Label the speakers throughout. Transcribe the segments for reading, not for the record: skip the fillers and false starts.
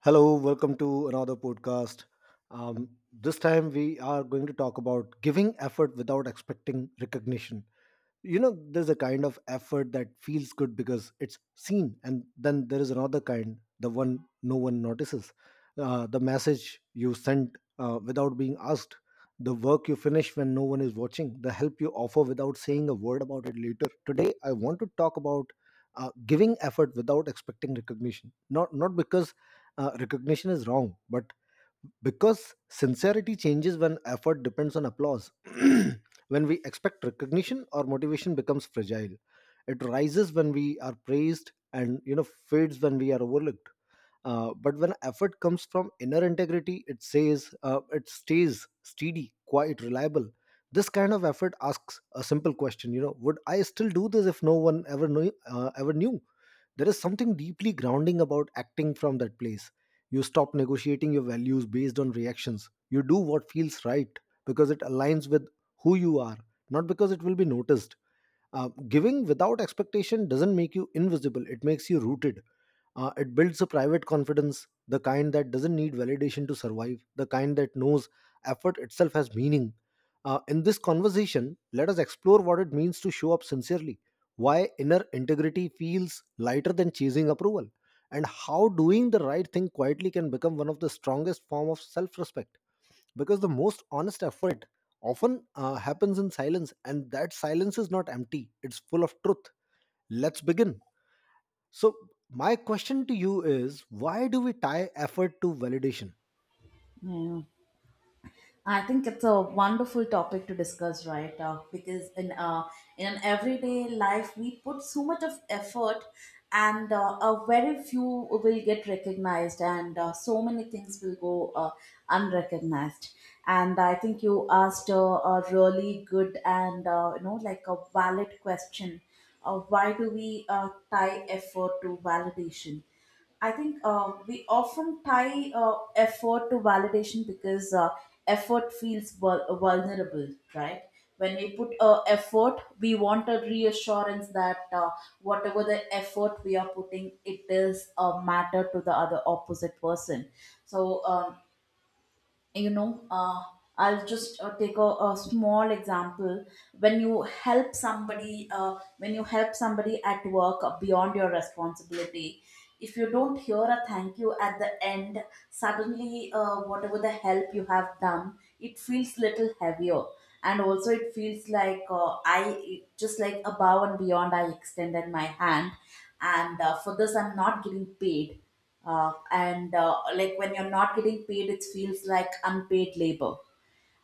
Speaker 1: Hello, welcome to another podcast. This time we are going to talk about giving effort without expecting recognition. You know there's a kind of effort that feels good because it's seen, and then there is another kind, the one no one notices. The message you sent without being asked, the work you finish when no one is watching, the help you offer without saying a word about it. Later today I want to talk about giving effort without expecting recognition, not because recognition is wrong, but because sincerity changes when effort depends on applause. When we expect recognition, our motivation becomes fragile. It rises when we are praised, and fades when we are overlooked. But when effort comes from inner integrity, it says it stays steady, quite reliable. This kind of effort asks a simple question: would I still do this if no one ever knew, ever knew? There is something deeply grounding about acting from that place. You stop negotiating your values based on reactions. You do what feels right because it aligns with who you are, not because it will be noticed. Giving without expectation doesn't make you invisible, it makes you rooted. It builds a private confidence, the kind that doesn't need validation to survive, the kind that knows effort itself has meaning. In this conversation, let us explore what it means to show up sincerely, why inner integrity feels lighter than chasing approval, and how doing the right thing quietly can become one of the strongest form of self-respect. Because the most honest effort often happens in silence, and that silence is not empty; it's full of truth. Let's begin. So, my question to you is: why do we tie effort to validation?
Speaker 2: Yeah. I think it's a wonderful topic to discuss, right? Because in in an everyday life, we put so much of effort, and very few will get recognized, and so many things will go unrecognized. And I think you asked a really good and you know like a valid question. Why do we tie effort to validation? I think we often tie effort to validation because effort feels vulnerable, right? When we put effort, we want a reassurance that whatever the effort we are putting, it does matter to the other opposite person. So you know uh, I'll just take a small example. When you help somebody at work beyond your responsibility, if you don't hear a thank you at the end, suddenly whatever the help you have done, it feels little heavier, and also it feels like I just like above and beyond, I extended my hand, and for this I'm not getting paid, and like when you're not getting paid, it feels like unpaid labor.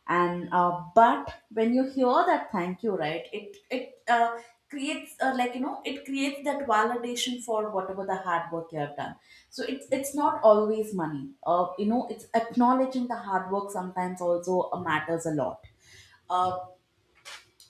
Speaker 2: And But when you hear that thank you, right, it creates like you know, it creates that validation for whatever the hard work you have done. So it's not always money, you know, it's acknowledging the hard work sometimes also matters a lot. Uh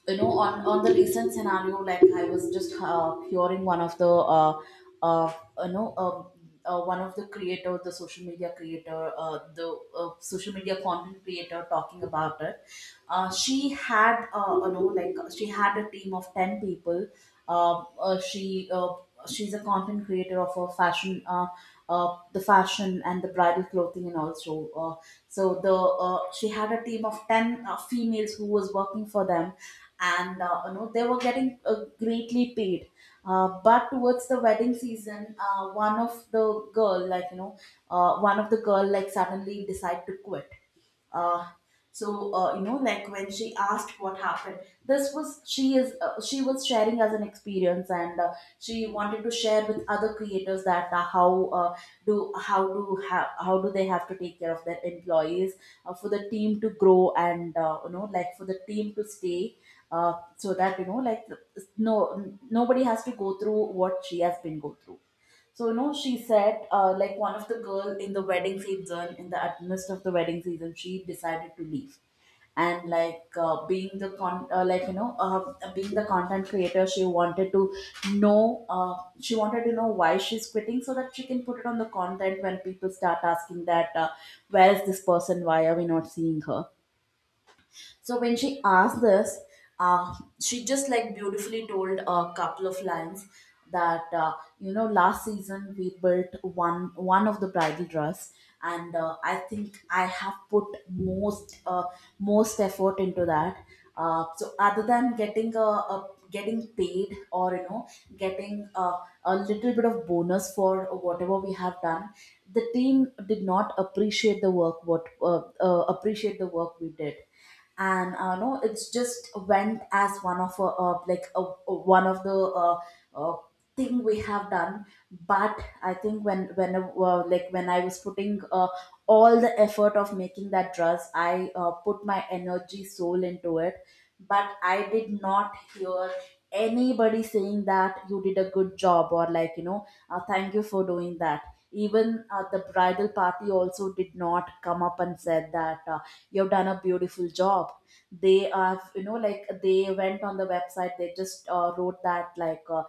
Speaker 2: you know, on the recent scenario, like I was just hearing one of the uh you know uh, one of the creator the social media creator the social media content creator talking about it. She had you know, like she had a team of 10 people. um uh, she uh, she's a content creator of a fashion and the bridal clothing, and also so the she had a team of 10 females who was working for them. And you know, they were getting greatly paid, but towards the wedding season, one of the girl, like you know, one of the girl, like suddenly decide to quit. uh, you know, like when she asked what happened, this was she is she was sharing as an experience, and she wanted to share with other creators that how do how do ha- how do they have to take care of their employees, for the team to grow, and you know, like for the team to stay, so that you know like no nobody has to go through what she has been go through. So no, she said like one of the girl in the wedding season, in the at midst of the wedding season, she decided to leave, and like being the con like you know, being the content creator, she wanted to know why she's quitting so that she can put it on the content when people start asking that, where is this person? Why are we not seeing her? So when she asked this, uh, she just like beautifully told a couple of lines, that you know, last season we built one of the bridal dress, and I think I have put most effort into that. So other than getting a getting paid, or you know, getting a little bit of bonus for whatever we have done, the team did not appreciate the work, what appreciate the work we did. And no it's just went as one of one of the uh, uh, thing we have done. But I think when I was putting all the effort of making that dress, I put my energy soul into it, but I did not hear anybody saying that you did a good job, or like you know, thank you for doing that. Even the bridal party also did not come up and said that, you've done a beautiful job. They are, you know, like they went on the website, they just wrote that, like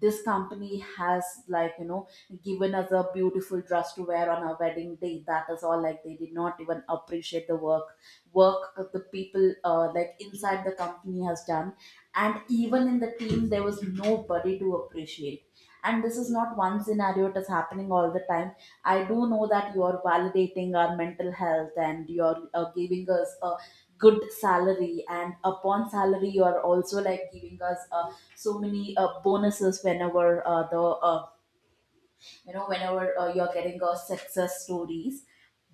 Speaker 2: this company has, like you know, given us a beautiful dress to wear on our wedding day. That is all, like they did not even appreciate the work that the people, like inside the company has done. And even in the team there was nobody to appreciate. And this is not one scenario, it is happening all the time. I do know that you're validating our mental health, and you're giving us a good salary, and upon salary you're also like giving us so many bonuses whenever the you know whenever you're getting a success stories.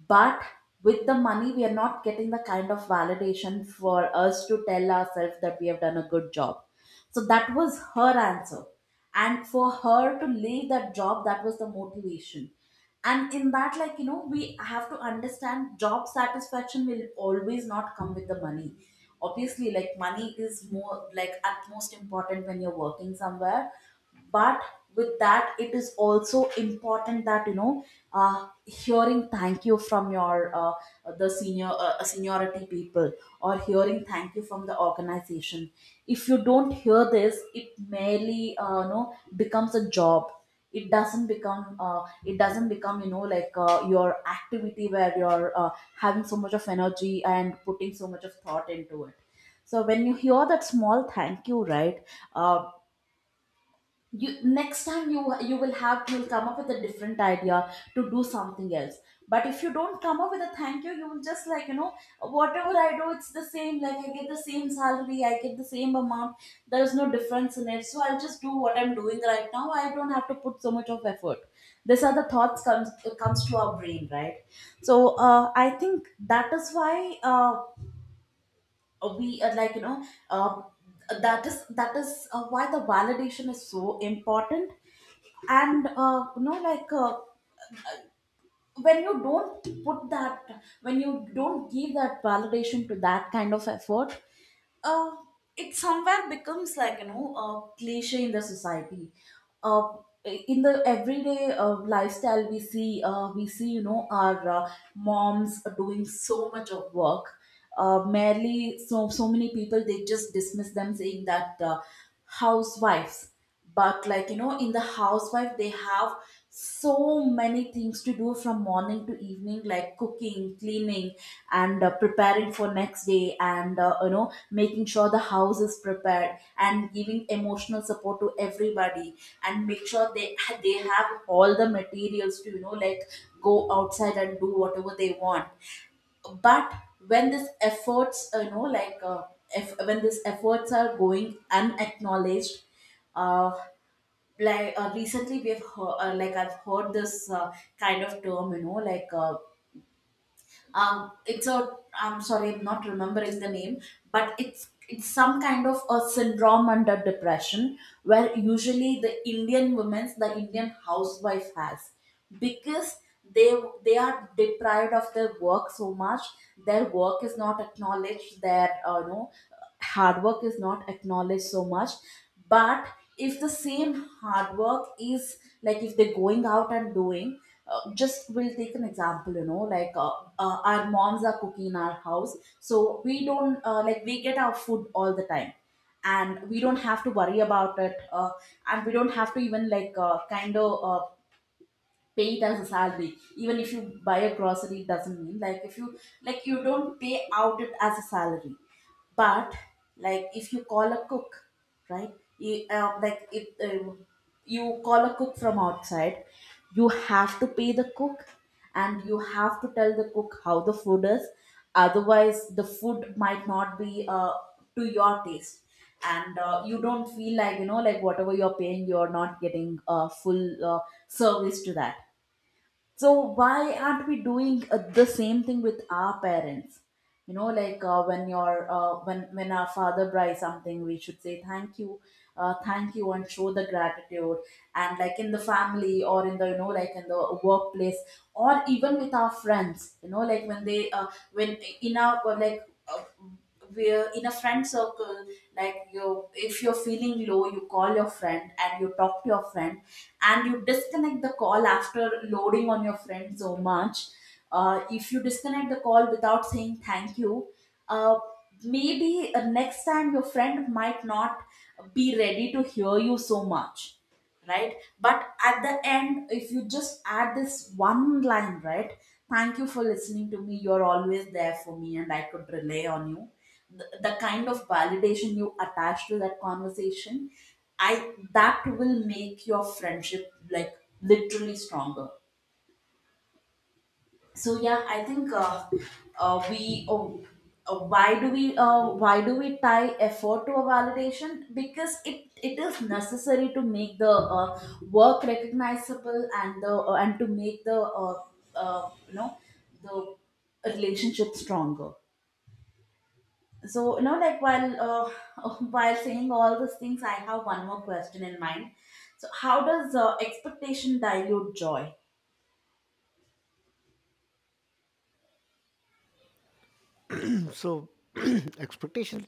Speaker 2: But with the money we are not getting the kind of validation for us to tell ourselves that we have done a good job. So that was her answer, and for her to leave that job, that was the motivation. And in that, like you know, we have to understand job satisfaction will always not come with the money. Obviously, like money is more like at most important when you're working somewhere. But with that, it is also important that you know, hearing thank you from your the senior seniority people, or hearing thank you from the organization. If you don't hear this, it merely you know, becomes a job. It doesn't become, you know, like your activity where you're having so much of energy and putting so much of thought into it. So when you hear that small thank you, right, uh, you next time you will have you'll come up with a different idea to do something else. But if you don't come up with a thank you, you will just, like you know, whatever I do it's the same, like I get the same salary, I get the same amount, there's no difference in it. So I'll just do what I'm doing right now, I don't have to put so much of effort. These are the thoughts comes to our brain, right? So I think that is why, we are, like you know, uh, that is why the validation is so important. And you know, like when you don't put that, when you don't give that validation to that kind of effort, uh, it somewhere becomes like you know a cliche in the society. uh, in the everyday lifestyle, we see you know, our moms doing so much of work. Merely, so many people, they just dismiss them saying that, housewives. But like you know, in the housewife, they have so many things to do from morning to evening, like cooking, cleaning, and preparing for next day, and you know, making sure the house is prepared, and giving emotional support to everybody, and make sure they have all the materials to, you know like, go outside and do whatever they want. But when this efforts if when these efforts are going unacknowledged, uh, recently we have heard, like I've heard this kind of term, you know, like it's a I'm sorry, I'm not remembering the name, but it's some kind of a syndrome under depression, where usually the Indian women's the Indian housewife has, because they they are deprived of their work so much. Their work is not acknowledged, their you know, hard work is not acknowledged so much. But if the same hard work is, like if they're going out and doing, just we'll take an example, you know like our moms are cooking in our house, so we don't like we get our food all the time, and we don't have to worry about it, and we don't have to even like pay it as a salary. Even if you buy a grocery, it doesn't mean like if you, like you don't pay out it as a salary. But like if you call a cook, right, you, like if you call a cook from outside, you have to pay the cook, and you have to tell the cook how the food is, otherwise the food might not be to your taste, and you don't feel like, you know like, whatever you're paying, you're not getting full service to that. So why aren't we doing the same thing with our parents? You know like, when your when our father buys something, we should say thank you and show the gratitude. And like in the family or in the, you know, in the workplace, or even with our friends, you know, like when they when in our like, uh, we're in a friend circle. Like you, if you're feeling low, you call your friend and you talk to your friend, and you disconnect the call after loading on your friend so much. If you disconnect the call without saying thank you, uh, maybe next time your friend might not be ready to hear you so much, right? But at the end, if you just add this one line, right, thank you for listening to me, you're always there for me, and I could rely on you. The kind of validation you attach to that conversation, I that will make your friendship like literally stronger. So yeah, I think, uh, we oh, why do we tie effort to a validation? Because it is necessary to make the work recognizable, and the, and to make the, uh, you know the relationship stronger. So, you know, like, while, while saying all these things, I have one more question in mind. So how does expectation dilute joy?
Speaker 1: So expectation,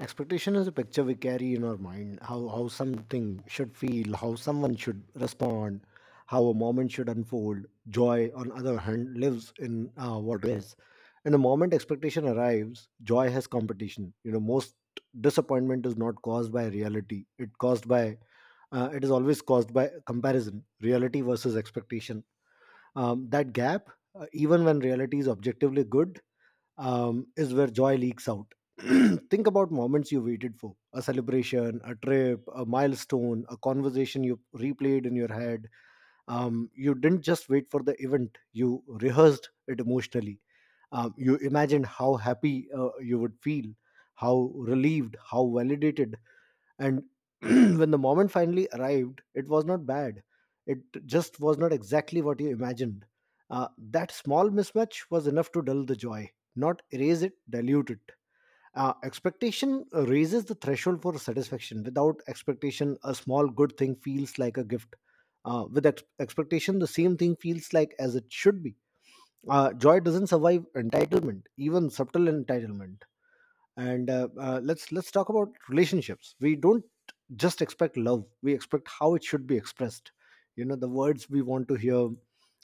Speaker 1: expectation is a picture we carry in our mind, how something should feel, how someone should respond, how a moment should unfold. Joy, on other hand, lives in what is. And the moment expectation arrives, joy has competition. You know most disappointment is not caused by reality, it caused by it is always caused by comparison: reality versus expectation. That gap, even when reality is objectively good, is where joy leaks out. Think about moments you waited for: a celebration, a trip, a milestone, a conversation you replayed in your head. You didn't just wait for the event, you rehearsed it emotionally. You imagined how happy you would feel, how relieved, how validated, and when the moment finally arrived, it was not bad, it just was not exactly what you imagined. That small mismatch was enough to dull the joy, not erase it, dilute it. Expectation raises the threshold for satisfaction. Without expectation, a small good thing feels like a gift. With expectation, the same thing feels like as it should be. Joy doesn't survive entitlement, even subtle entitlement. And let's talk about relationships. We don't just expect love, we expect how it should be expressed: the words we want to hear,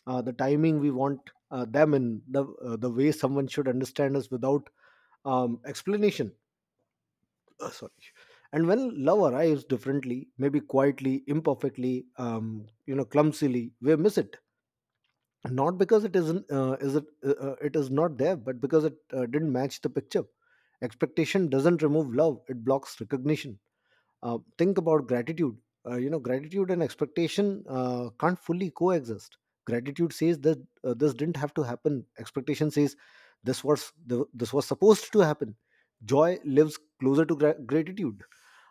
Speaker 1: the timing we want, them in the way someone should understand us without explanation. Sorry. And when love arrives differently, maybe quietly, imperfectly, um, clumsily we miss it, not because it is not there, but because it didn't match the picture. Expectation doesn't remove love, it blocks recognition. Think about gratitude. Gratitude and expectation can't fully coexist. Gratitude says that this didn't have to happen; expectation says this was supposed to happen. Joy lives closer to gratitude.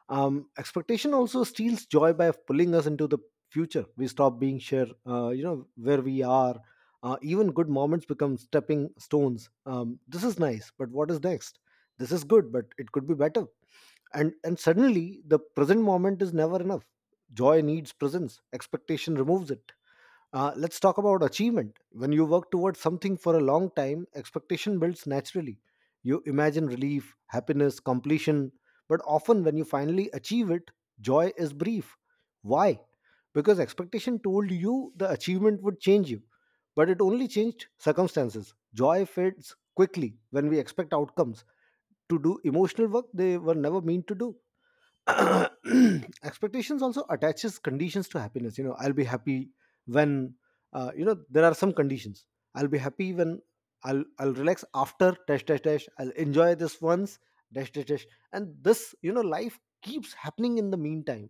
Speaker 1: Expectation also steals joy by pulling us into the future. We stop being sure where we are. Even good moments become stepping stones. This is nice, but what is next? This is good, but it could be better. And suddenly the present moment is never enough. Joy needs presence, expectation removes it. Let's talk about achievement. When you work towards something for a long time, expectation builds naturally. You imagine relief, happiness, completion, but often when you finally achieve it, joy is brief. Why? Because expectation told you the achievement would change you, but it only changed circumstances. Joy fades quickly when we expect outcomes to do emotional work they were never meant to do. Expectations also attaches conditions to happiness. You know I'll be happy when, there are some conditions. I'll be happy when, I'll relax after dash dash dash, I'll enjoy this once dash dash dash, and this, life keeps happening in the meantime.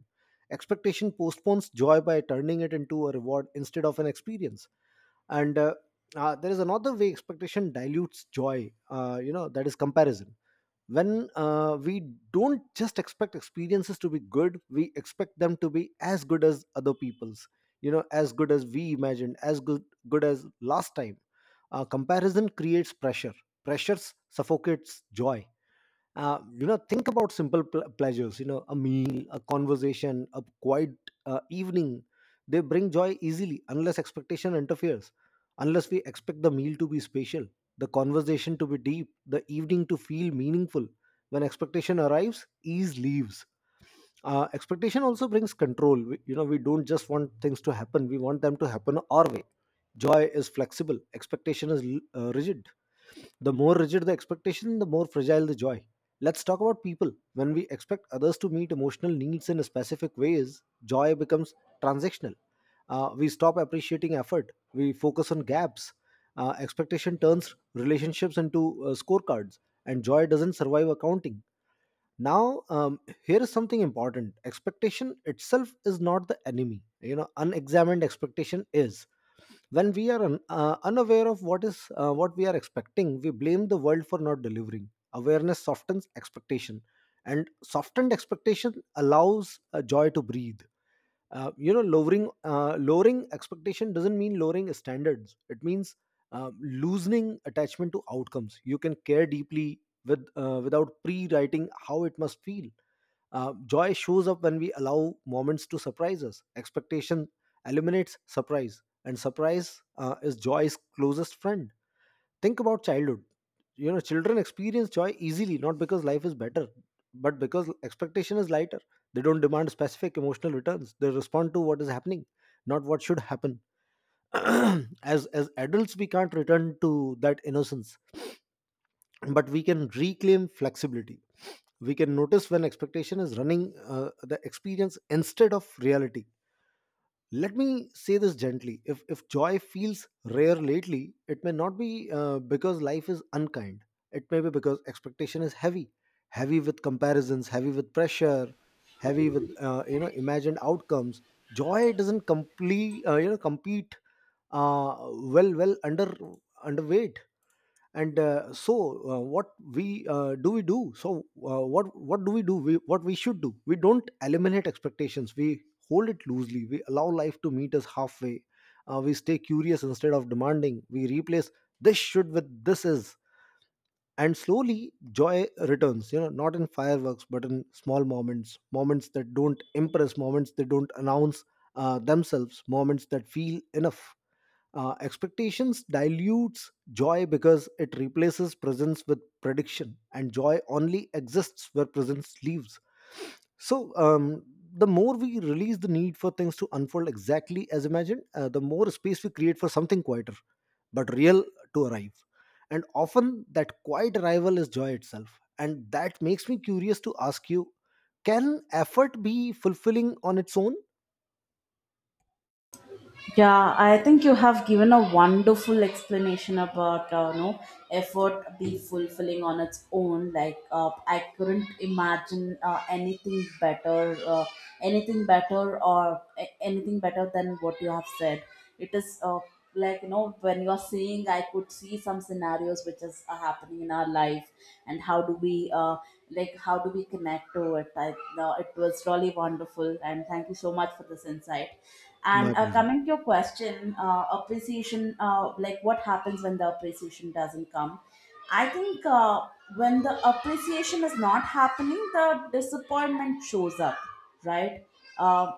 Speaker 1: Expectation postpones joy by turning it into a reward instead of an experience. And there is another way expectation dilutes joy, that is comparison. When we don't just expect experiences to be good, we expect them to be as good as other people's, you know as good as we imagined, as good, good as last time. Comparison creates pressure, pressures suffocates joy. Think about simple pleasures: you know a meal, a conversation, a quiet evening. They bring joy easily unless expectation interferes, unless we expect the meal to be special, the conversation to be deep, the evening to feel meaningful. When expectation arrives, ease leaves. Expectation also brings control. We don't just want things to happen, we want them to happen our way. Joy is flexible, expectation is rigid. The more rigid the expectation, the more fragile the joy. Let's talk about people. When we expect others to meet emotional needs in specific ways, joy becomes transactional. We stop appreciating effort, we focus on gaps. Expectation turns relationships into scorecards, and joy doesn't survive accounting. Now, here is something important: expectation itself is not the enemy. You know, unexamined expectation is when we are unaware of what is, what we are expecting. We blame the world for not delivering. Awareness softens expectation, and softened expectation allows joy to breathe. Lowering expectation doesn't mean lowering standards, it means loosening attachment to outcomes. You can care deeply with without pre-writing how it must feel. Joy shows up when we allow moments to surprise us. Expectation eliminates surprise, and surprise is joy's closest friend. Think about childhood. You know, children experience joy easily, not because life is better, but because expectation is lighter. They don't demand specific emotional returns. They respond to what is happening, not what should happen. As adults, we can't return to that innocence, but we can reclaim flexibility. We can notice when expectation is running the experience instead of reality. Let me say this gently: if joy feels rare lately, it may not be because life is unkind, it may be because expectation is heavy, heavy with comparisons, heavy with pressure, heavy with imagined outcomes. Joy doesn't complete you know compete uh, well under underweight And so, what we do we do so what do we, what we should do, we don't eliminate expectations, we hold it loosely, we allow life to meet us halfway. We stay curious instead of demanding. We replace this should with this is, and slowly joy returns, not in fireworks, but in small moments, moments that don't impress, moments that don't announce themselves, moments that feel enough. Expectations dilutes joy because it replaces presence with prediction, and joy only exists where presence leaves. So, the more we release the need for things to unfold exactly as imagined, the more space we create for something quieter but real to arrive. And often that quiet arrival is joy itself. And that makes me curious to ask you: can effort be fulfilling on its own?
Speaker 2: Yeah, I think you have given a wonderful explanation about, no, effort be fulfilling on its own. Like, I couldn't imagine anything better, anything better than what you have said. It is, like, you know, when you are saying, I could see some scenarios which is happening in our life, and how do we, like, how do we connect to it? It was really wonderful, and thank you so much for this insight.
Speaker 1: My
Speaker 2: And,
Speaker 1: pleasure.
Speaker 2: coming to your question, appreciation, like, what happens when the appreciation doesn't come? I think, when the appreciation is not happening, the disappointment shows up, right? Uh,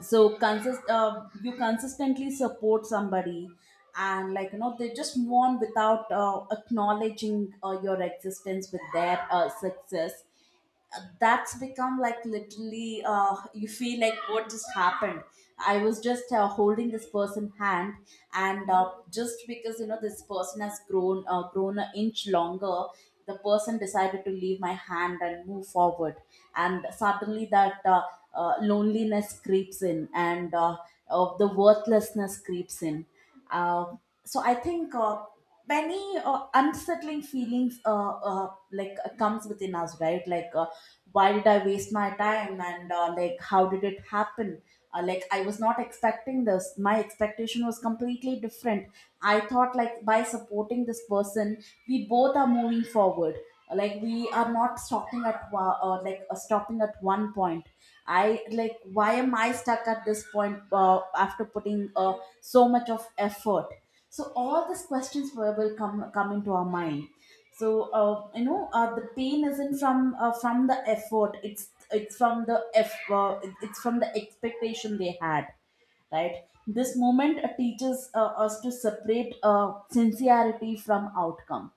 Speaker 2: so, you consistently support somebody, and, like, you know, they just mourn without acknowledging your existence with their success. That's become, like, literally, you feel like what just happened. I was just holding this person hand, and, just because, you know, this person has grown an inch longer, the person decided to leave my hand and move forward. And suddenly that, loneliness creeps in, and, the worthlessness creeps in. uh, so I think, many unsettling feelings, comes within us, right? Why did I waste my time? And, like, how did it happen? Like, I was not expecting this. My expectation was completely different. I thought, like, by supporting this person, we both are moving forward. Like, we are not stopping at wa- or like stopping at one point. I, like, why am I stuck at this point after putting so much of effort? So all these questions will come into our mind. So, the pain isn't from the effort. It's from the expectation they had, right? This moment teaches us to separate sincerity from outcome.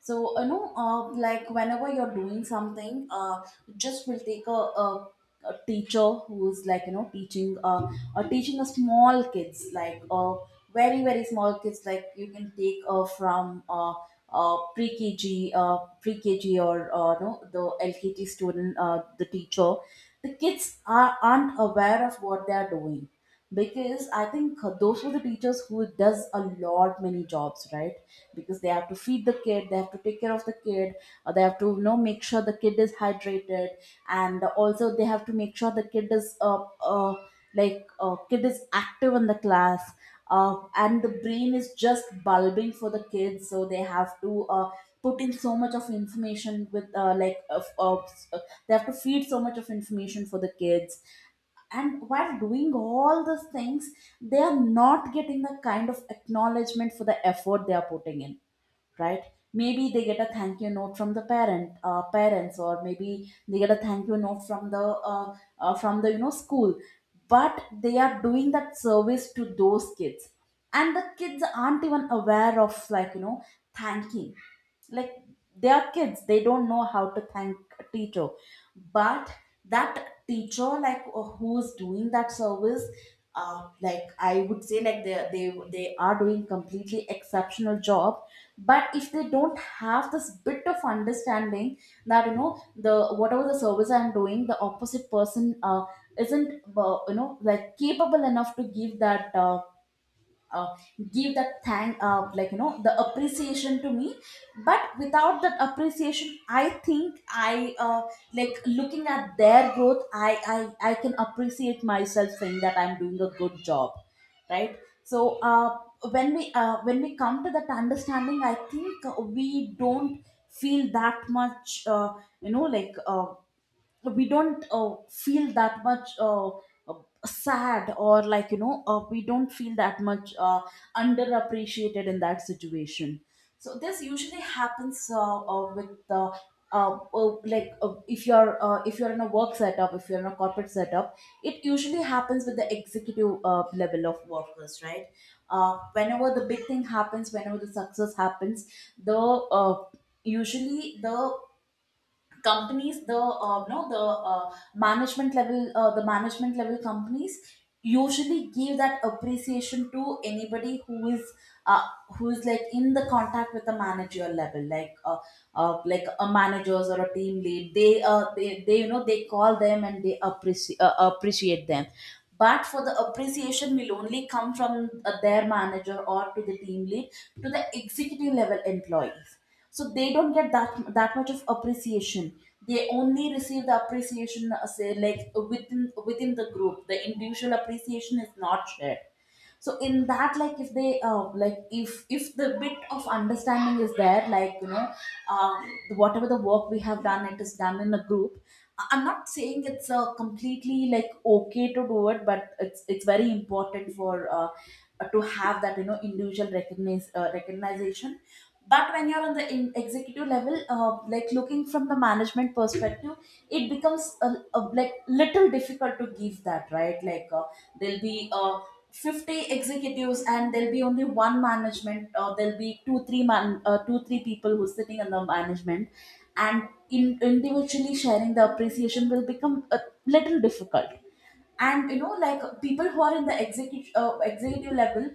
Speaker 2: So, you know, like, whenever you're doing something, just will take a teacher who's, like, you know, teaching, teaching a small kids, like, very very small kids, like, you can take from pre-KG, pre-KG, or, no, the LKG student, the teacher, the kids are, aren't aware of what they are doing, because I think those were the teachers who does a lot many jobs, right? Because they have to feed the kid, they have to take care of the kid, they have to, you know, make sure the kid is hydrated, and also they have to make sure the kid is, like, kid is active in the class, and the brain is just bulbing for the kids, so they have to, put in so much of information with like of uh, they have to feed so much of information for the kids. And while doing all these things, they are not getting the kind of acknowledgement for the effort they are putting in, right? Maybe they get a thank you note from the parents, or maybe they get a thank you note from the, from the, you know, school. But they are doing that service to those kids, and the kids aren't even aware of, like, you know, thanking, like, they are kids, they don't know how to thank a teacher. But that teacher, like, who's doing that service, like, I would say, like, they are doing completely exceptional job. But if they don't have this bit of understanding, that, you know, the whatever the service I'm doing, the opposite person isn't, you know, like, capable enough to give that, uh, give that thank, like, you know, the appreciation to me. But without that appreciation, I think, I like, looking at their growth, I can appreciate myself, saying that I'm doing a good job, right? So, when we, when we come to that understanding, I think we don't feel that much, you know, like, we don't feel that much, uh, sad, or, like, you know, we don't feel that much, underappreciated in that situation. So this usually happens, with like, if you're, if you're in a work setup, if you're in a corporate setup, it usually happens with the executive level of workers, right? Whenever the big thing happens, whenever the success happens, the, usually the companies, the, no the management level, the management level companies usually give that appreciation to anybody who is, uh, who is, like, in the contact with the manager level, like, like, a managers or a team lead, they they, you know, they call them and they appreciate, appreciate them. But for the appreciation will only come from, their manager or to the team lead, to the executive level employees. So they don't get that, that much of appreciation. They only receive the appreciation, say, like, within, the group, the individual appreciation is not shared. So in that, like, if they, like, if the bit of understanding is there, like, you know, uh, whatever the work we have done, it is done in a group. I'm not saying it's, completely, like, okay to do it, but it's very important for, uh, to have that, you know, individual recognize recognition. But when you're on the, in executive level, like, looking from the management perspective, it becomes a, like, little difficult to give that, right? Like, there'll be, 50 executives, and there'll be only one management, or there'll be two three man two three people who's sitting on the management, and in individually sharing the appreciation will become a little difficult. And, you know, like, people who are in the executive, executive level,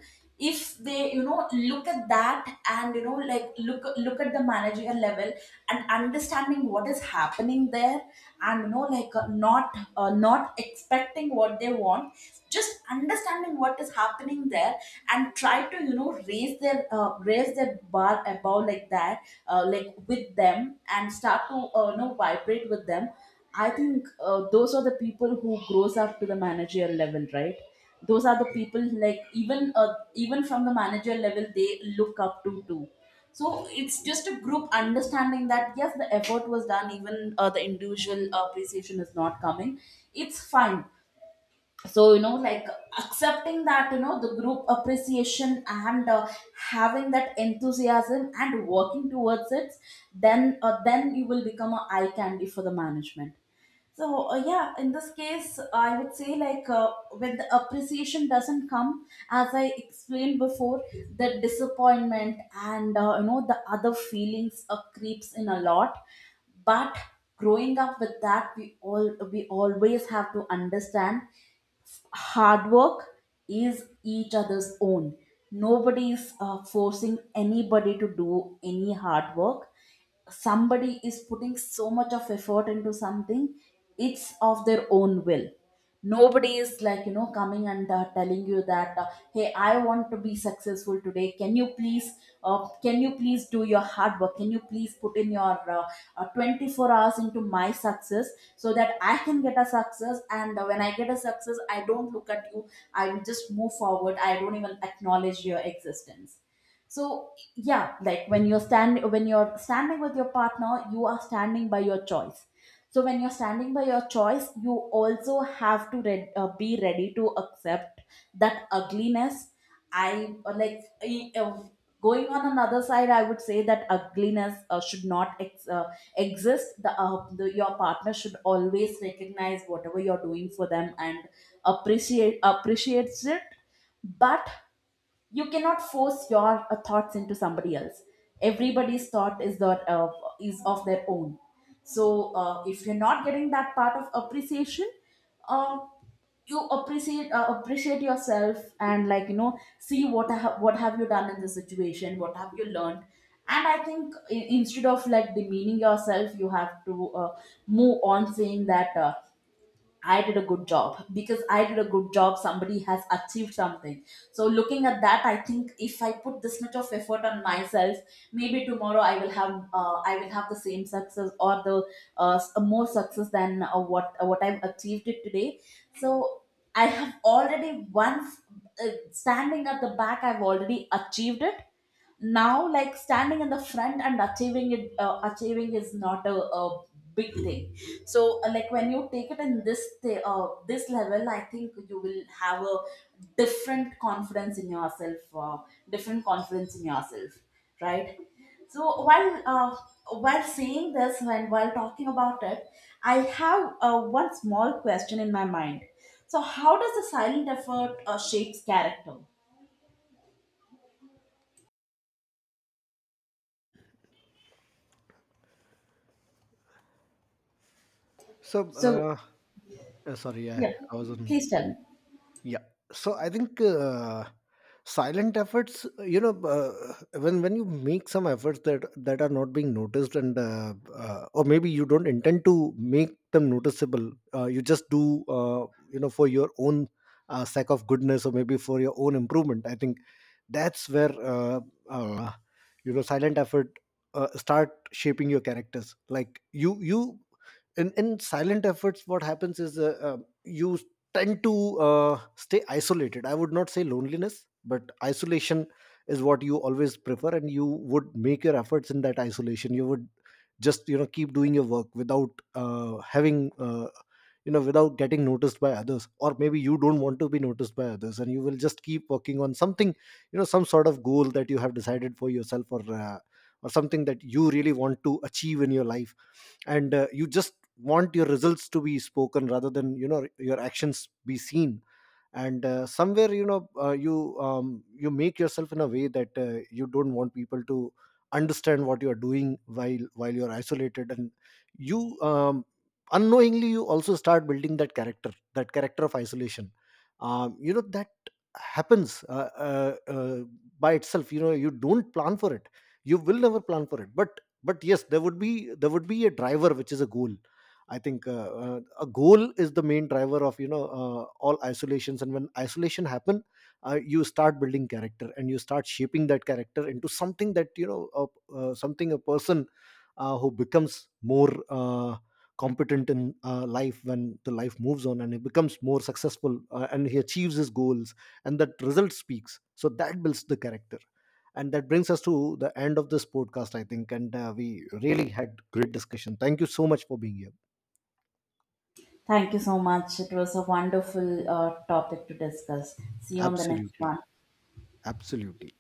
Speaker 2: if they, you know, look at that, and, you know, like, look at the managerial level, and understanding what is happening there, and, you know, like, not expecting what they want, just understanding what is happening there, and try to, you know, raise their, raise their bar above, like, that, like, with them, and start to, you know, vibrate with them. I think, those are the people who grows up to the managerial level, right? Those are the people, like, even, even from the manager level, they look up to too. So it's just a group understanding that yes, the effort was done, even, the individual appreciation is not coming, it's fine. So, you know, like, accepting that, you know, the group appreciation and, having that enthusiasm and working towards it, then, then you will become a eye candy for the management. So, yeah, in this case, I would say, like, when the appreciation doesn't come, as I explained before, the disappointment and, you know, the other feelings, creeps in a lot. But growing up with that, we always have to understand hard work is each other's own. Nobody is, forcing anybody to do any hard work. Somebody is putting so much of effort into something, it's of their own will. Nobody is, like, you know, coming and, telling you that, hey, I want to be successful today, can you please, can you please do your hard work, can you please put in your, 24 hours into my success, so that I can get a success, and, when I get a success, I don't look at you, I will just move forward, I don't even acknowledge your existence. So yeah, like, when you're stand when you're standing with your partner, you are standing by your choice. So when you're standing by your choice, you also have to be ready to accept that ugliness. i uh, like i- uh, going on another side, I would say that ugliness should not exist, the, your partner should always recognize whatever you're doing for them and appreciate, appreciates it but you cannot force your, thoughts into somebody else. Everybody's thought is their, is of their own. So, if you're not getting that part of appreciation, uh, you appreciate, appreciate yourself, and, like, you know, see what what have you done in the situation, what have you learned. And I think, instead of, like, demeaning yourself, you have to, move on, saying that, I did a good job. Because I did a good job, somebody has achieved something. So, looking at that, I think, if I put this much of effort on myself, maybe tomorrow I will have, I will have the same success, or the, more success than, what I've achieved it today. So, I have already once, standing at the back, I've already achieved it. Now, like, standing in the front and achieving it, achieving is not a, a, big thing. So, like, when you take it in this, this level, I think you will have a different confidence in yourself, different confidence in yourself right? So, while, while saying this, when while talking about it, I have, one small question in my mind. So, how does the silent effort shapes character?
Speaker 1: So,
Speaker 2: So
Speaker 1: sorry, I,
Speaker 2: yeah,
Speaker 1: I was on.
Speaker 2: please tell me.
Speaker 1: Yeah. So I think silent efforts, when you make some efforts that are not being noticed, and or maybe you don't intend to make them noticeable, you just do, for your own sake of goodness, or maybe for your own improvement. I think that's where uh, silent effort start shaping your characters. Like you in silent efforts, what happens is you tend to stay isolated. I would not say loneliness, but isolation is what you always prefer, and you would make your efforts in that isolation. You would just, you know, keep doing your work without having without getting noticed by others, or maybe you don't want to be noticed by others, and you will just keep working on something, you know, some sort of goal that you have decided for yourself, or something that you really want to achieve in your life. And you just want your results to be spoken rather than, your actions be seen. And somewhere, you you make yourself in a way that you don't want people to understand what you are doing while you are isolated, and you unknowingly you also start building that character, that character of isolation. That happens by itself. You know, you don't plan for it, you will never plan for it, but yes, there would be a driver, which is a goal. I think a goal is the main driver of, all isolations, and when isolation happen, you start building character and you start shaping that character into something that, something a person who becomes more competent in life. When the life moves on, and he becomes more successful, and he achieves his goals, and that result speaks. So that builds the character. And that brings us to the end of this podcast, I think, and we really had great discussion. Thank you so much for being here.
Speaker 2: Thank you so much. It was a wonderful, topic to discuss. See you on the next
Speaker 1: Absolutely,
Speaker 2: one.
Speaker 1: absolutely.